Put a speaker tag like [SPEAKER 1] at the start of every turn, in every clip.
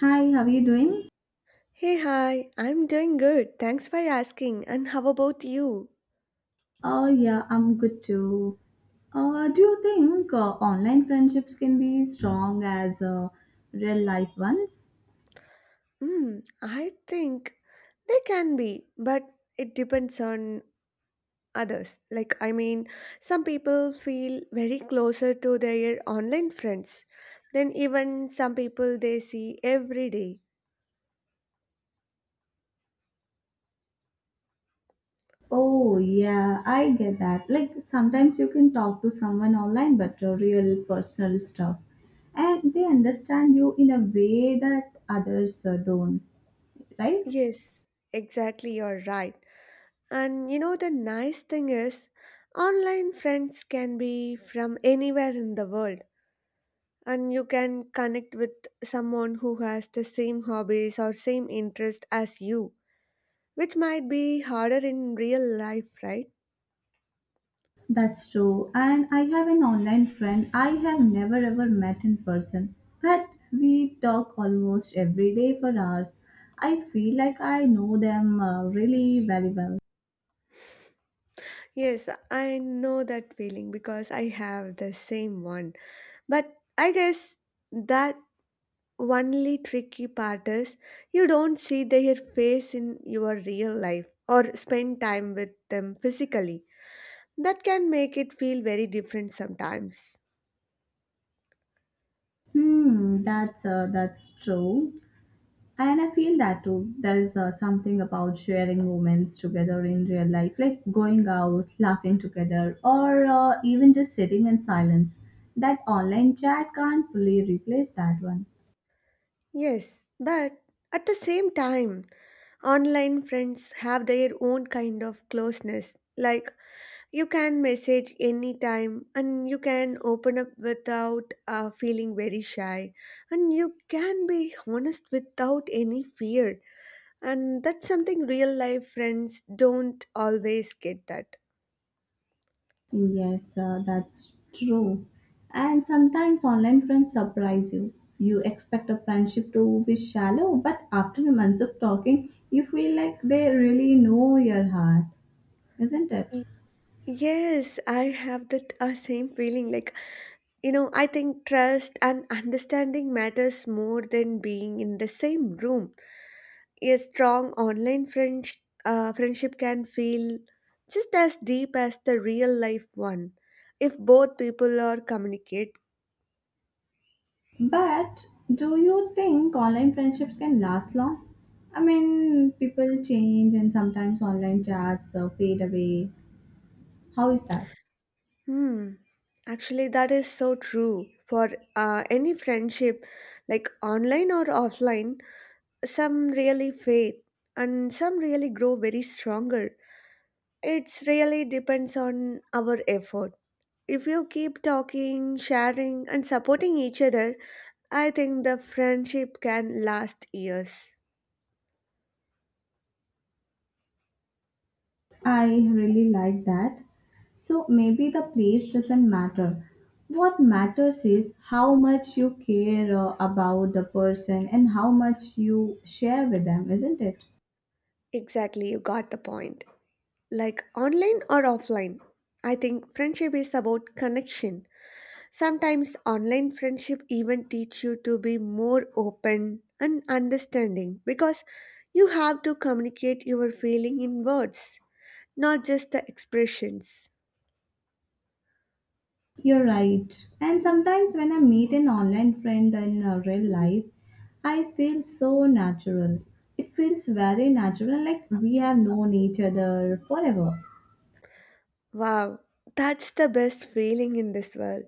[SPEAKER 1] Hi, how are you doing?
[SPEAKER 2] Hey, hi, I'm doing good. Thanks for asking. And how about you?
[SPEAKER 1] Oh, yeah, I'm good too. Do you think online friendships can be strong as real life ones?
[SPEAKER 2] Hmm, I think they can be, but it depends on others. Like, I mean, some people feel very closer to their online friends than even some people they see every day.
[SPEAKER 1] Oh, yeah, I get that. Like sometimes you can talk to someone online, but real personal stuff, and they understand you in a way that others don't, right?
[SPEAKER 2] Yes, exactly, you're right. And you know, the nice thing is, online friends can be from anywhere in the world and you can connect with someone who has the same hobbies or same interest as you, which might be harder in real life, right?
[SPEAKER 1] That's true. And I have an online friend I have never ever met in person, but we talk almost every day for hours. I feel like I know them really very well.
[SPEAKER 2] Yes, I know that feeling because I have the same one. But I guess that only tricky part is you don't see their face in your real life or spend time with them physically. That can make it feel very different sometimes.
[SPEAKER 1] Hmm, that's true. And I feel that too. There is something about sharing moments together in real life, like going out, laughing together, or even just sitting in silence. That online chat can't fully replace that one.
[SPEAKER 2] Yes, but at the same time, online friends have their own kind of closeness. Like, you can message anytime and you can open up without feeling very shy, and you can be honest without any fear. And that's something real life friends don't always get that.
[SPEAKER 1] Yes, that's true. And sometimes online friends surprise you. You expect a friendship to be shallow, but after months of talking, you feel like they really know your heart, isn't it?
[SPEAKER 2] Y- Yes, I have that same feeling. Like, I think trust and understanding matters more than being in the same room. A strong online friends, friendship can feel just as deep as the real life one if both people are communicate.
[SPEAKER 1] But do you think online friendships can last long? I mean, people change and sometimes online chats fade away. How is that?
[SPEAKER 2] Hmm. Actually, that is so true for any friendship, like online or offline. Some really fade and some really grow very stronger. It's really depends on our effort. If you keep talking, sharing, and supporting each other, I think the friendship can last years.
[SPEAKER 1] I really like that. So maybe the place doesn't matter. What matters is how much you care about the person and how much you share with them, isn't it?
[SPEAKER 2] Exactly, you got the point. Like online or offline, I think friendship is about connection. Sometimes online friendship even teach you to be more open and understanding because you have to communicate your feeling in words, not just the expressions.
[SPEAKER 1] You're right. And sometimes when I meet an online friend in real life, I feel so natural. It feels very natural, like we have known each other forever.
[SPEAKER 2] Wow, that's the best feeling in this world.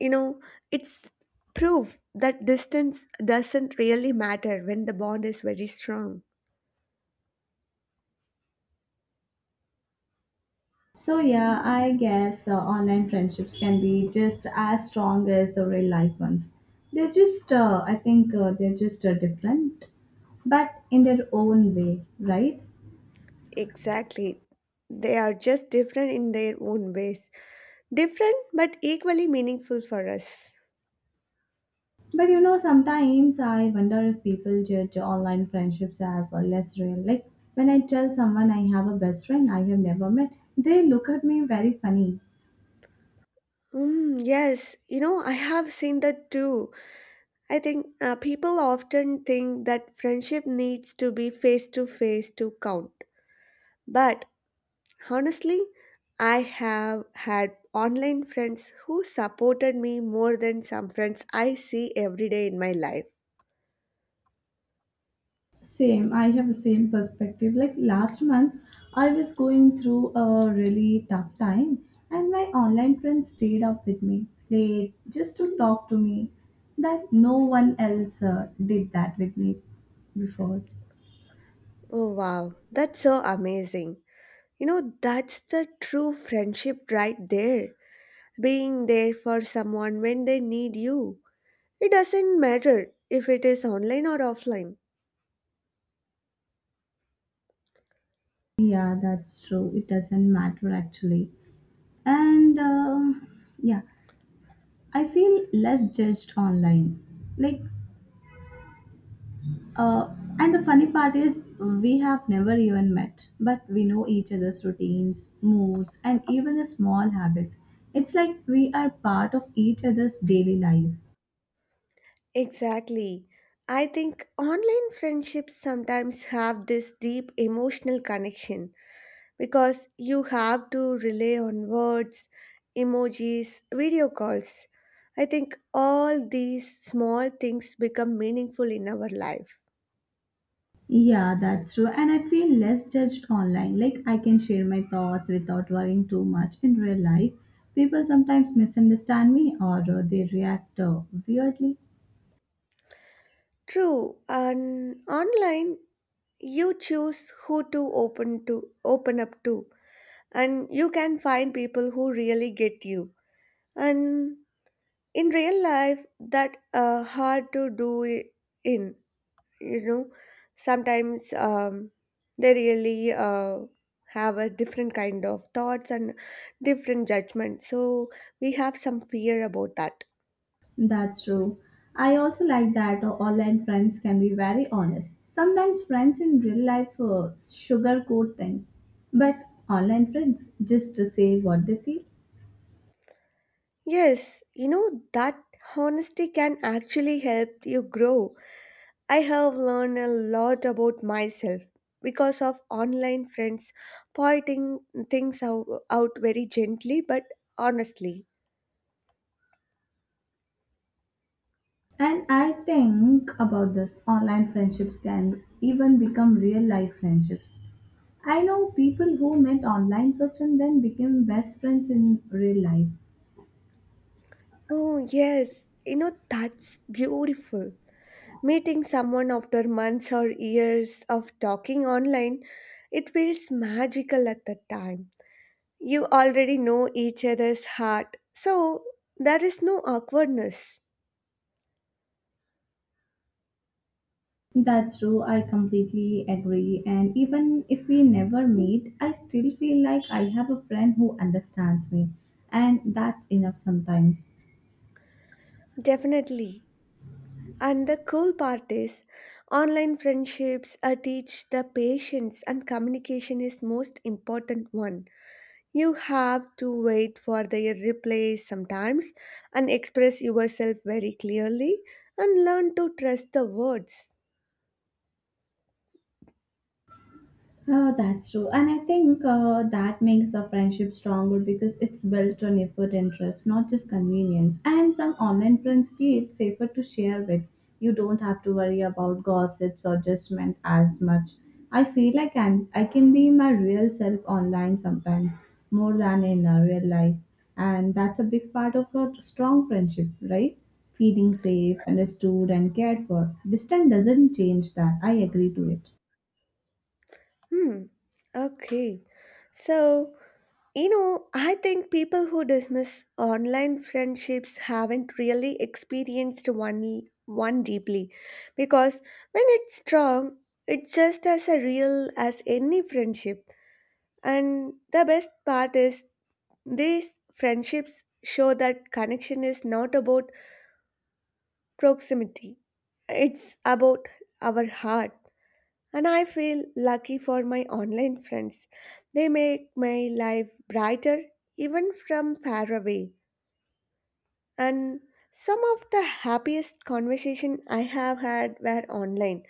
[SPEAKER 2] You know, it's proof that distance doesn't really matter when the bond is very strong.
[SPEAKER 1] So yeah, I guess online friendships can be just as strong as the real life ones. They're just, I think they're just different, but in their own way, right?
[SPEAKER 2] Exactly. They are just different in their own ways. Different but equally meaningful for us.
[SPEAKER 1] But you know, sometimes I wonder if people judge online friendships as less real. Like when I tell someone I have a best friend I have never met, they look at me very funny.
[SPEAKER 2] Mm, yes, I have seen that too. I think people often think that friendship needs to be face to face to count. But honestly, I have had online friends who supported me more than some friends I see every day in my life.
[SPEAKER 1] Same, I have the same perspective. Like last month, I was going through a really tough time, and my online friend stayed up with me late just to talk to me. That no one else did that with me before.
[SPEAKER 2] Oh wow, that's so amazing. You know, that's the true friendship right there. Being there for someone when they need you. It doesn't matter if it is online or offline.
[SPEAKER 1] Yeah, that's true. It doesn't matter actually. And yeah, I feel less judged online. Like Uh, and the funny part is, we have never even met, but we know each other's routines, moods, and even the small habits. It's like we are part of each other's daily life.
[SPEAKER 2] Exactly. I think online friendships sometimes have this deep emotional connection because you have to rely on words, emojis, video calls. I think all these small things become meaningful in our life.
[SPEAKER 1] Yeah, that's true. And I feel less judged online. Like I can share my thoughts without worrying too much in real life. People sometimes misunderstand me or they react weirdly.
[SPEAKER 2] True, and online you choose who to open up to, and you can find people who really get you. And in real life, that hard to do. I- in you know sometimes they really have a different kind of thoughts and different judgment, so we have some fear about that.
[SPEAKER 1] That's true. I also like that online friends can be very honest. Sometimes friends in real life sugarcoat things, but online friends just to say what they feel.
[SPEAKER 2] Yes, you know that honesty can actually help you grow. I have learned a lot about myself because of online friends pointing things out very gently, but honestly.
[SPEAKER 1] And I think about this online friendships can even become real life friendships. I know people who met online first and then became best friends in real life.
[SPEAKER 2] Oh yes, that's beautiful. Meeting someone after months or years of talking online, it feels magical at the time. You already know each other's heart, so there is no awkwardness.
[SPEAKER 1] That's true, I completely agree. And even if we never meet, I still feel like I have a friend who understands me, and that's enough sometimes.
[SPEAKER 2] Definitely. And the cool part is, online friendships teach the patience and communication is most important one. You have to wait for their replies sometimes, and express yourself very clearly, and learn to trust the words.
[SPEAKER 1] Oh, that's true. And I think that makes the friendship stronger because it's built on effort and trust, not just convenience. And some online friends feel safer to share with. You don't have to worry about gossips or judgment as much. I feel like I can be my real self online sometimes, more than in real life. And that's a big part of a strong friendship, right? Feeling safe, understood, and cared for. Distance doesn't change that. I agree to it.
[SPEAKER 2] Hmm. Okay. So, I think people who dismiss online friendships haven't really experienced one deeply, because when it's strong, it's just as a real as any friendship. And the best part is these friendships show that connection is not about proximity. It's about our heart. And I feel lucky for my online friends. They make my life brighter even from far away. And some of the happiest conversation I have had were online,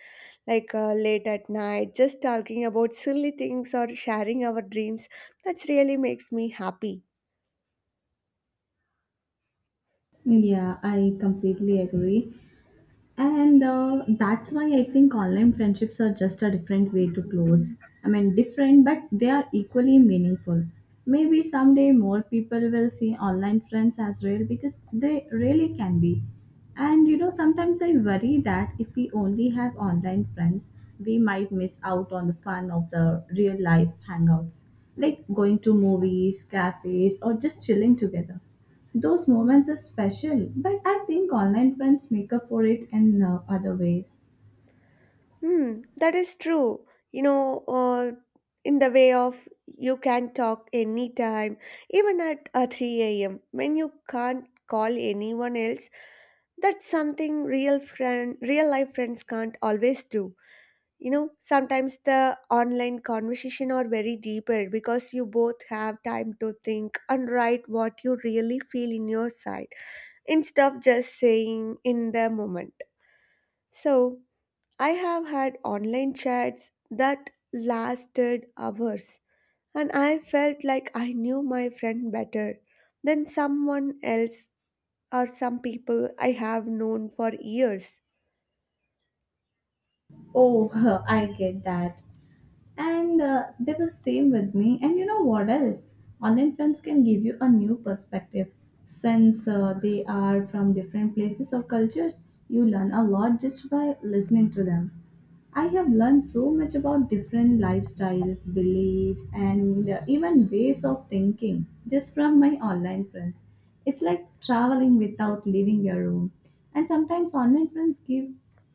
[SPEAKER 2] like late at night, just talking about silly things or sharing our dreams. That really makes me happy.
[SPEAKER 1] Yeah, I completely agree. And that's why I think online friendships are just a different way to close. I mean, different, but they are equally meaningful. Maybe someday more people will see online friends as real because they really can be. And you know, sometimes I worry that if we only have online friends, we might miss out on the fun of the real life hangouts, like going to movies, cafes, or just chilling together. Those moments are special, but I think online friends make up for it in other ways.
[SPEAKER 2] Hmm, that is true. You know, in the way of you can talk anytime, even at 3 a.m. when you can't call anyone else. That's something real life friends can't always do. You know, sometimes the online conversation are very deeper because you both have time to think and write what you really feel in your side, instead of just saying in the moment. So. I have had online chats that lasted hours, and I felt like I knew my friend better than someone else or some people I have known for years.
[SPEAKER 1] Oh, I get that. And they were same with me. And you know what else? Online friends can give you a new perspective. Since they are from different places or cultures, you learn a lot just by listening to them. I have learned so much about different lifestyles, beliefs, and even ways of thinking just from my online friends. It's like traveling without leaving your room. And sometimes online friends give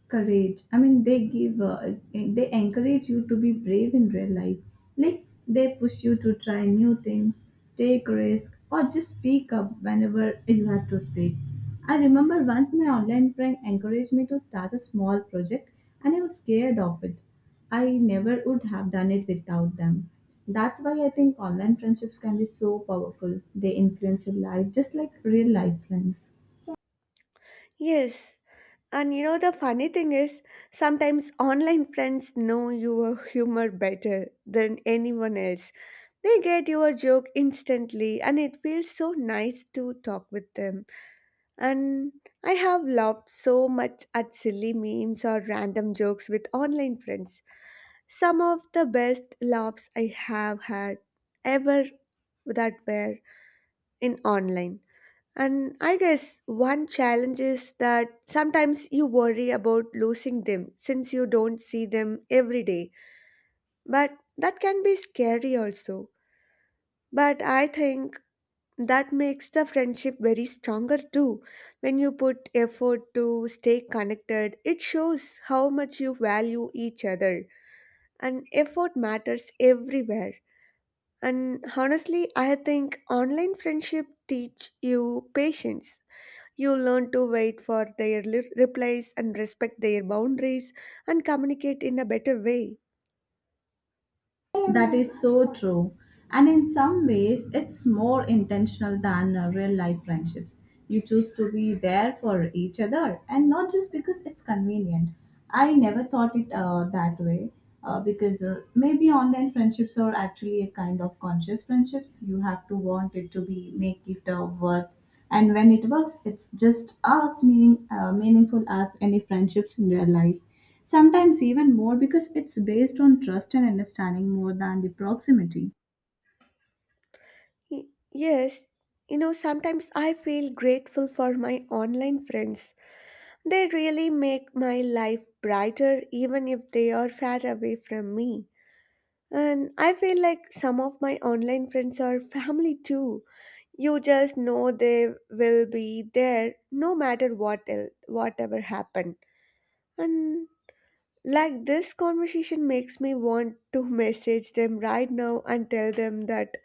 [SPEAKER 1] courage. I mean, they encourage you to be brave in real life. Like they push you to try new things, take risk, or just speak up whenever you have to speak. I remember once my online friend encouraged me to start a small project and I was scared of it. I never would have done it without them. That's why I think online friendships can be so powerful. They influence your life just like real life friends.
[SPEAKER 2] Yes, and you know the funny thing is, sometimes online friends know your humor better than anyone else. They get your joke instantly, and it feels so nice to talk with them. And I have laughed so much at silly memes or random jokes with online friends. Some of the best laughs I have had ever, that were in online. And I guess one challenge is that sometimes you worry about losing them since you don't see them every day. But that can be scary also. But I think that makes the friendship very stronger too. When you put effort to stay connected, it shows how much you value each other, and effort matters everywhere. And honestly, I think online friendship teach you patience. You learn to wait for their replies and respect their boundaries, and communicate in a better way.
[SPEAKER 1] That is so true. And in some ways, it's more intentional than real life friendships. You choose to be there for each other and not just because it's convenient. I never thought it that way, because maybe online friendships are actually a kind of conscious friendships. You have to want it to be, make it worth. And when it works, it's just as meaningful as any friendships in real life. Sometimes even more because it's based on trust and understanding more than the proximity.
[SPEAKER 2] Y- yes, sometimes I feel grateful for my online friends. They really make my life brighter even if they are far away from me. And I feel like some of my online friends are family too. You just know they will be there no matter whatever happened. And like this conversation makes me want to message them right now and tell them that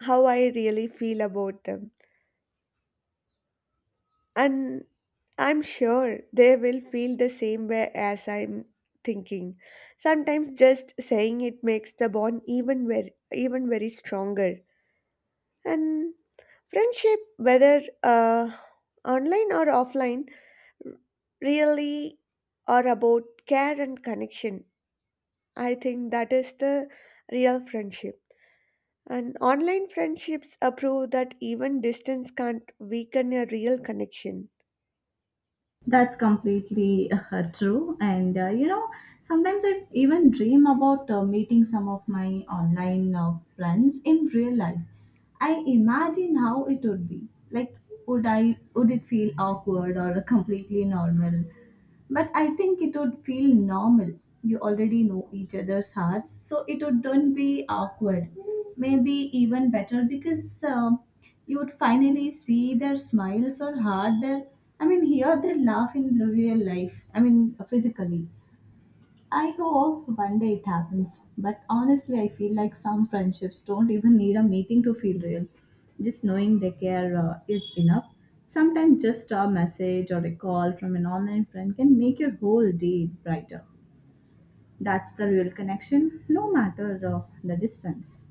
[SPEAKER 2] how I really feel about them. And I'm sure they will feel the same way as I'm thinking. Sometimes just saying it makes the bond even very stronger. And friendship, whether online or offline, really are about care and connection. I think that is the real friendship. And online friendships prove that even distance can't weaken a real connection.
[SPEAKER 1] That's completely true. And you know, sometimes I even dream about meeting some of my online friends in real life. I imagine how it would be. Like, would it feel awkward or completely normal? But I think it would feel normal. You already know each other's hearts, so it wouldn't do be awkward, maybe even better because you would finally see their smiles or hear their laugh in real life, I mean physically. I hope one day it happens, but honestly, I feel like some friendships don't even need a meeting to feel real. Just knowing they care is enough. Sometimes just a message or a call from an online friend can make your whole day brighter. That's the real connection, no matter the distance.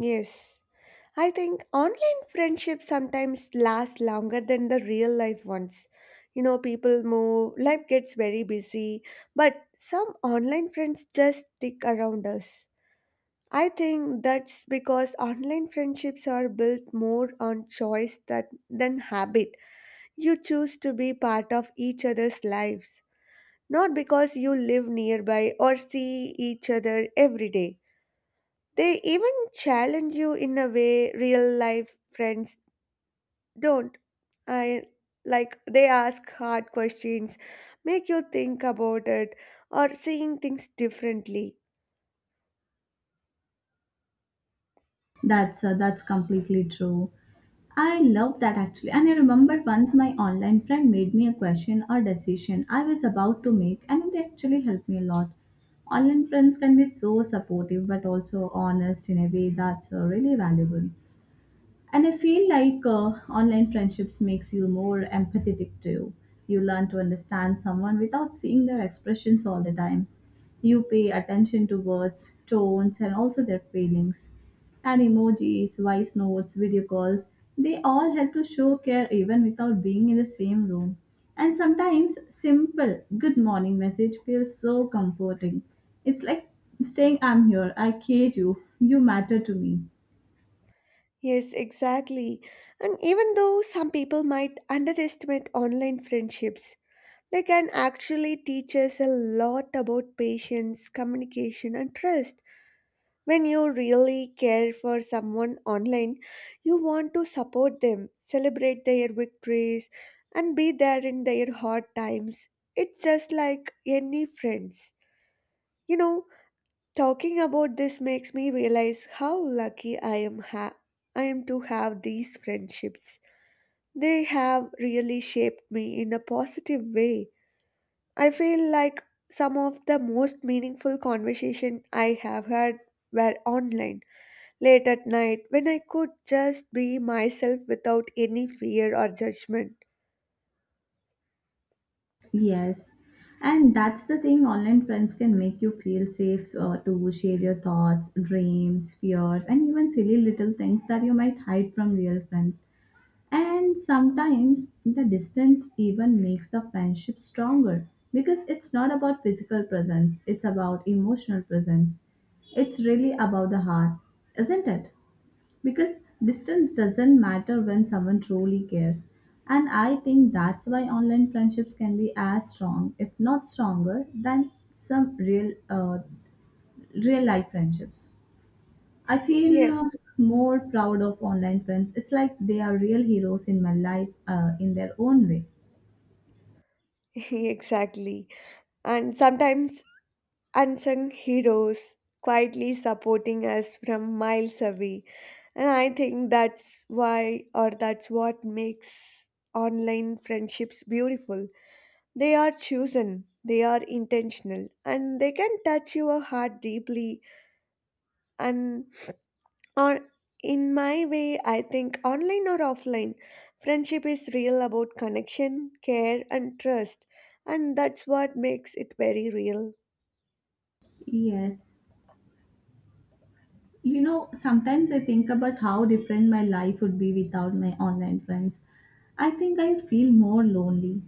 [SPEAKER 2] Yes. I think online friendships sometimes last longer than the real life ones. You know, people move, life gets very busy, but some online friends just stick around us. I think that's because online friendships are built more on choice than habit. You choose to be part of each other's lives, not because you live nearby or see each other every day. They even challenge you in a way real life friends don't. I Like, they ask hard questions, make you think about it, or seeing things differently.
[SPEAKER 1] That's completely true. I love that actually. And I remember once my online friend made me a question or decision I was about to make, and it actually helped me a lot. Online friends can be so supportive but also honest in a way that's really valuable. And I feel like online friendships makes you more empathetic too. You learn to understand someone without seeing their expressions all the time. You pay attention to words, tones and also their feelings, and emojis, voice notes, video calls, they all help to show care even without being in the same room. And sometimes simple good morning message feels so comforting. It's like saying, I'm here, I care you, matter to me.
[SPEAKER 2] Yes, exactly. And even though some people might underestimate online friendships, they can actually teach us a lot about patience, communication, and trust. When you really care for someone online, you want to support them, celebrate their victories, and be there in their hard times. It's just like any friends. You know, talking about this makes me realize how lucky I am to have these friendships. They have really shaped me in a positive way. I feel like some of the most meaningful conversation I have had were online, late at night, when I could just be myself without any fear or judgment.
[SPEAKER 1] Yes, and that's the thing. Online friends can make you feel safe to share your thoughts, dreams, fears, and even silly little things that you might hide from real friends. And sometimes the distance even makes the friendship stronger because it's not about physical presence, it's about emotional presence. It's really about the heart, isn't it? Because distance doesn't matter when someone truly cares. And I think that's why online friendships can be as strong, if not stronger, than some real life friendships. I feel
[SPEAKER 2] Yes,
[SPEAKER 1] more proud of online friends. It's like they are real heroes in my life in their own way.
[SPEAKER 2] exactly. And sometimes unsung heroes quietly supporting us from miles away. And I think that's why, or that's what makes online friendships beautiful. They are chosen, they are intentional, and they can touch your heart deeply. And Or in my way, I think online or offline, friendship is real about connection, care, and trust, and that's what makes it very real.
[SPEAKER 1] Yes. You know, sometimes I think about how different my life would be without my online friends. I think I'd feel more lonely.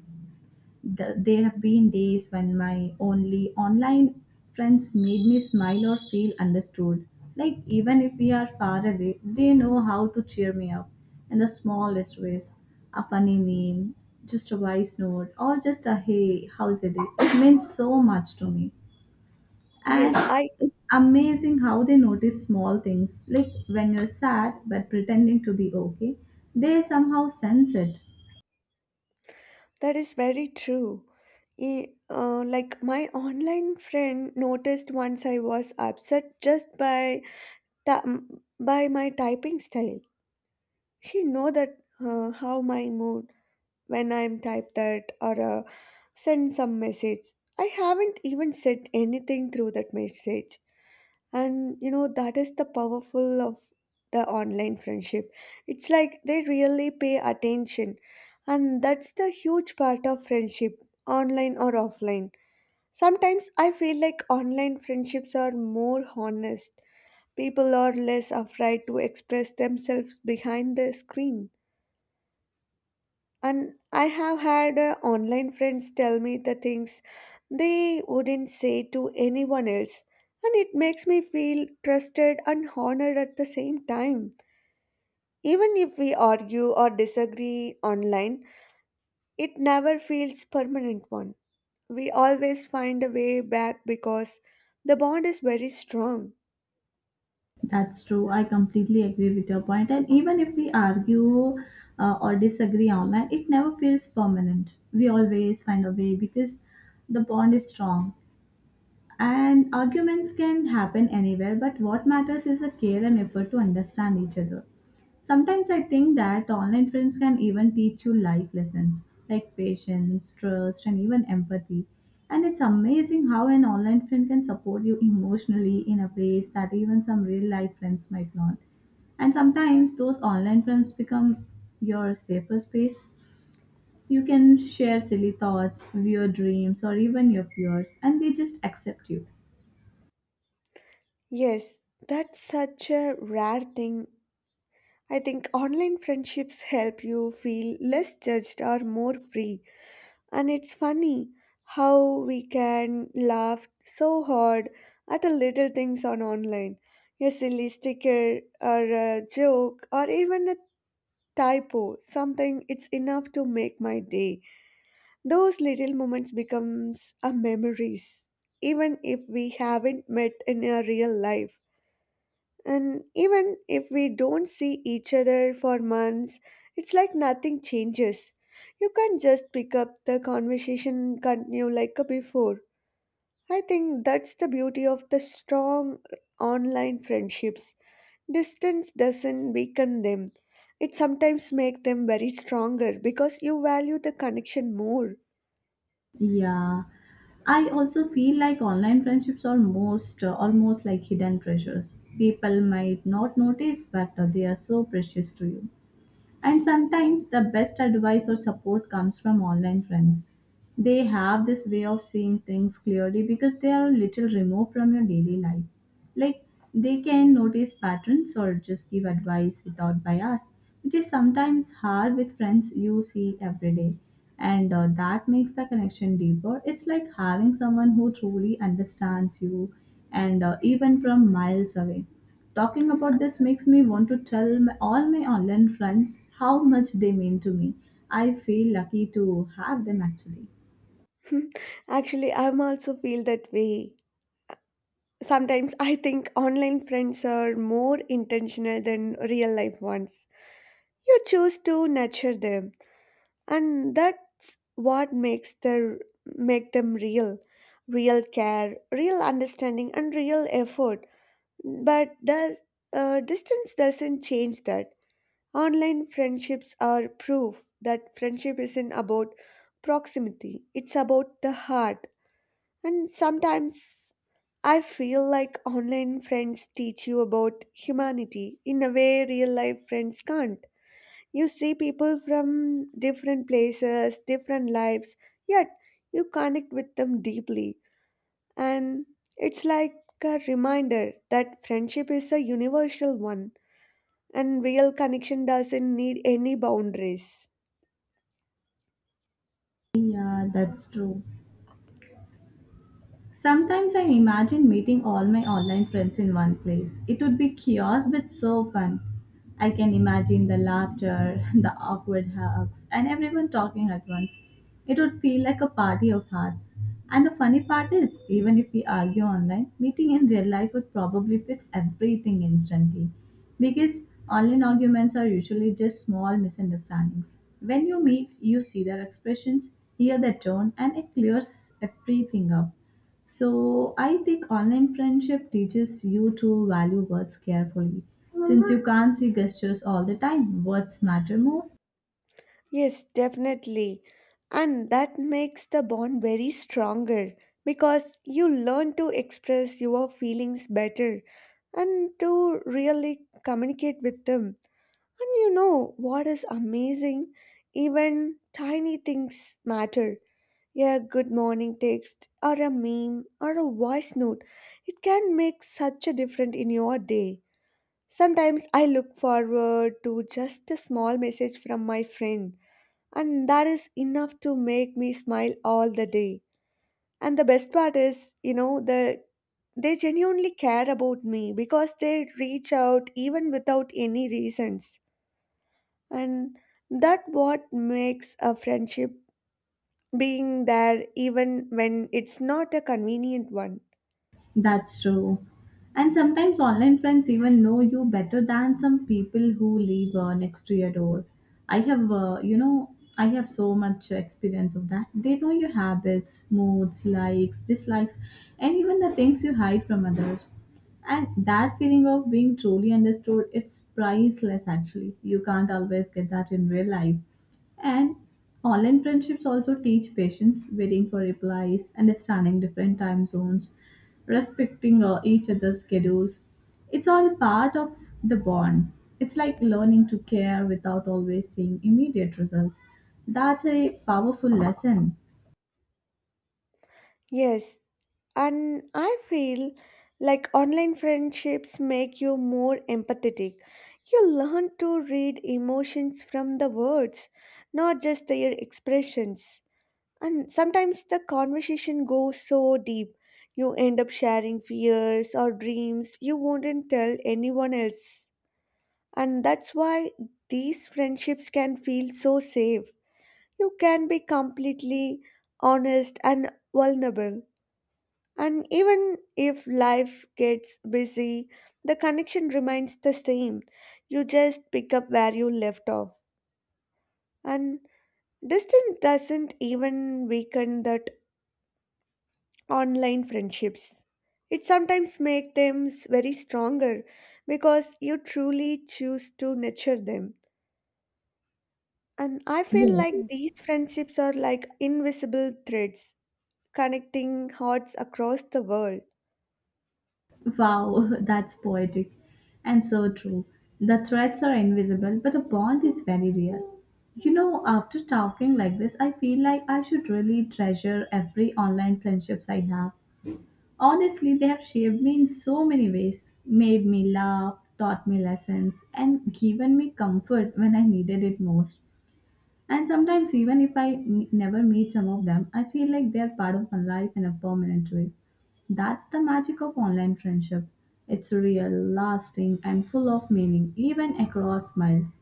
[SPEAKER 1] There have been days when my only online friends made me smile or feel understood. Like, even if we are far away, they know how to cheer me up in the smallest ways. A funny meme, just a voice note, or just a hey, how's it? It means so much to me. And
[SPEAKER 2] Yes, I
[SPEAKER 1] it's amazing how they notice small things, like when you're sad but pretending to be okay, they somehow sense it.
[SPEAKER 2] that is very true. Like, my online friend noticed once I was upset just by ta- by my typing style. She know that how my mood when I'm type that, or send some message. I haven't even said anything through that message. And you know, that is the powerful of the online friendship. It's like they really pay attention. And that's the huge part of friendship, online or offline. Sometimes I feel like online friendships are more honest. People are less afraid to express themselves behind the screen. And I have had online friends tell me the things they wouldn't say to anyone else. And it makes me feel trusted and honored at the same time. Even if we argue or disagree online, it never feels permanent one. We always find a way back because the bond is very strong.
[SPEAKER 1] That's true. I completely agree with your point. And even if we argue or disagree online, it never feels permanent. We always find a way because the bond is strong. And arguments can happen anywhere, but what matters is the care and effort to understand each other. Sometimes I think that online friends can even teach you life lessons like patience, trust, and even empathy. And it's amazing how an online friend can support you emotionally in a ways that even some real life friends might not. And sometimes those online friends become your safer space. You can share silly thoughts, your dreams, or even your fears, and they just accept you.
[SPEAKER 2] Yes, that's such a rare thing. I think online friendships help you feel less judged or more free. And it's funny how we can laugh so hard at the little things on online. A silly sticker or a joke or even a typo, something it's enough to make my day. Those little moments becomes a memories even if we haven't met in a real life. And even if we don't see each other for months, it's like nothing changes. You can't just pick up the conversation and continue like before. I think that's the beauty of the strong online friendships. Distance doesn't weaken them. It sometimes makes them very stronger because you value the connection more.
[SPEAKER 1] Yeah. I also feel like online friendships are most almost like hidden treasures. People might not notice, but they are so precious to you. And sometimes the best advice or support comes from online friends. They have this way of seeing things clearly because they are a little removed from your daily life. Like they can notice patterns or just give advice without bias, which is sometimes hard with friends you see every day. And that makes the connection deeper. It's like having someone who truly understands you and even from miles away. Talking about this makes me want to tell my, all my online friends how much they mean to me. I feel lucky to have them actually.
[SPEAKER 2] Actually, I'm also feel that way. Sometimes I think online friends are more intentional than real life ones. You choose to nurture them, and that's what makes the make them real. Real care, real understanding, and real effort. But does distance doesn't change that. Online friendships are proof that friendship isn't about proximity. It's about the heart. And sometimes I feel like online friends teach you about humanity in a way real life friends can't. You see people from different places, different lives, yet you connect with them deeply. And it's like a reminder that friendship is a universal one and real connection doesn't need any boundaries.
[SPEAKER 1] Yeah, that's true. Sometimes I imagine meeting all my online friends in one place. It would be chaos but so fun. I can imagine the laughter, the awkward hugs, and everyone talking at once. It would feel like a party of hearts. And the funny part is, even if we argue online, meeting in real life would probably fix everything instantly. Because online arguments are usually just small misunderstandings. When you meet, you see their expressions, hear their tone, and it clears everything up. So I think online friendship teaches you to value words carefully. Since you can't see gestures all the time, words matter more.
[SPEAKER 2] Yes, definitely. And that makes the bond very stronger because you learn to express your feelings better and to really communicate with them. And you know what is amazing? Even tiny things matter. A good morning text, or a meme, or a voice note. It can make such a difference in your day. Sometimes I look forward to just a small message from my friend, and that is enough to make me smile all the day. And the best part is, you know, the they genuinely care about me because they reach out even without any reasons, and that what makes a friendship being there even when it's not a convenient one.
[SPEAKER 1] That's true. And sometimes online friends even know you better than some people who live next to your door. I have, I have so much experience of that. They know your habits, moods, likes, dislikes, and even the things you hide from others. And that feeling of being truly understood, it's priceless actually. You can't always get that in real life. And online friendships also teach patience, waiting for replies, understanding different time zones, respecting each other's schedules. It's all part of the bond. It's like learning to care without always seeing immediate results. That's a powerful lesson.
[SPEAKER 2] Yes, and I feel like online friendships make you more empathetic. You learn to read emotions from the words, not just their expressions. And sometimes the conversation goes so deep you end up sharing fears or dreams you wouldn't tell anyone else. And that's why these friendships can feel so safe. You can be completely honest and vulnerable. And even if life gets busy, the connection remains the same. You just pick up where you left off. And distance doesn't even weaken that online friendships. It sometimes makes them very stronger because you truly choose to nurture them. And I feel
[SPEAKER 1] Yes.
[SPEAKER 2] like these friendships are like invisible threads connecting hearts across the world.
[SPEAKER 1] Wow, that's poetic and so true. The threats are invisible, but the bond is very real. You know, after talking like this, I feel like I should really treasure every online friendships I have. Honestly, they have shaped me in so many ways, made me laugh, taught me lessons, and given me comfort when I needed it most. And sometimes, even if never meet some of them, I feel like they're part of my life in a permanent way. That's the magic of online friendship. It's real, lasting, and full of meaning, even across miles.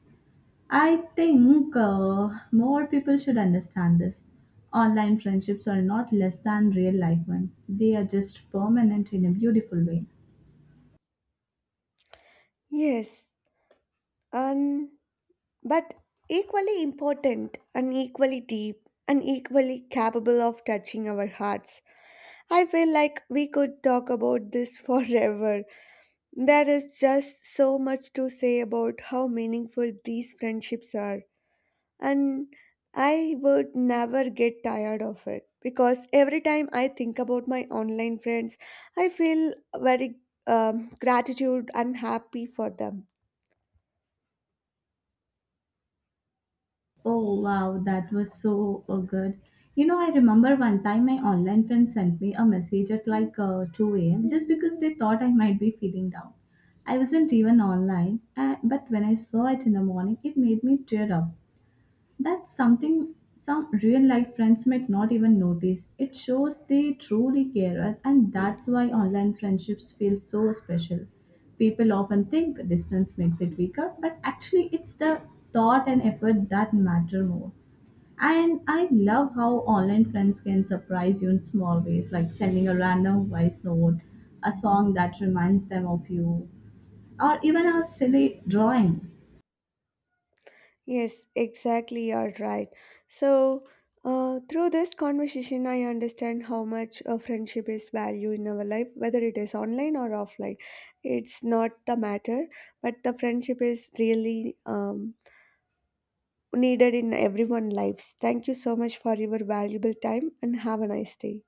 [SPEAKER 1] I think more people should understand this. Online friendships are not less than real life ones, they are just permanent in a beautiful way.
[SPEAKER 2] Yes, and but equally important and equally deep and equally capable of touching our hearts. I feel like we could talk about this forever. There is just so much to say about how meaningful these friendships are. And I would never get tired of it because every time I think about my online friends, I feel very gratitude and happy for them.
[SPEAKER 1] Oh wow, that was so good. You know, I remember one time my online friend sent me a message at like 2 a.m. just because they thought I might be feeling down. I wasn't even online, but when I saw it in the morning, it made me tear up. That's something some real life friends might not even notice. It shows they truly care us, and that's why online friendships feel so special. People often think distance makes it weaker, but actually, it's the thought and effort that matter more. And I love how online friends can surprise you in small ways, like sending a random voice note, a song that reminds them of you, or even a silly drawing.
[SPEAKER 2] Yes, exactly, you're right. So, through this conversation, I understand how much a friendship is value in our life, whether it is online or offline. It's not the matter, but the friendship is really needed in everyone's lives. Thank you so much for your valuable time and have a nice day.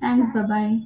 [SPEAKER 1] Thanks, bye bye.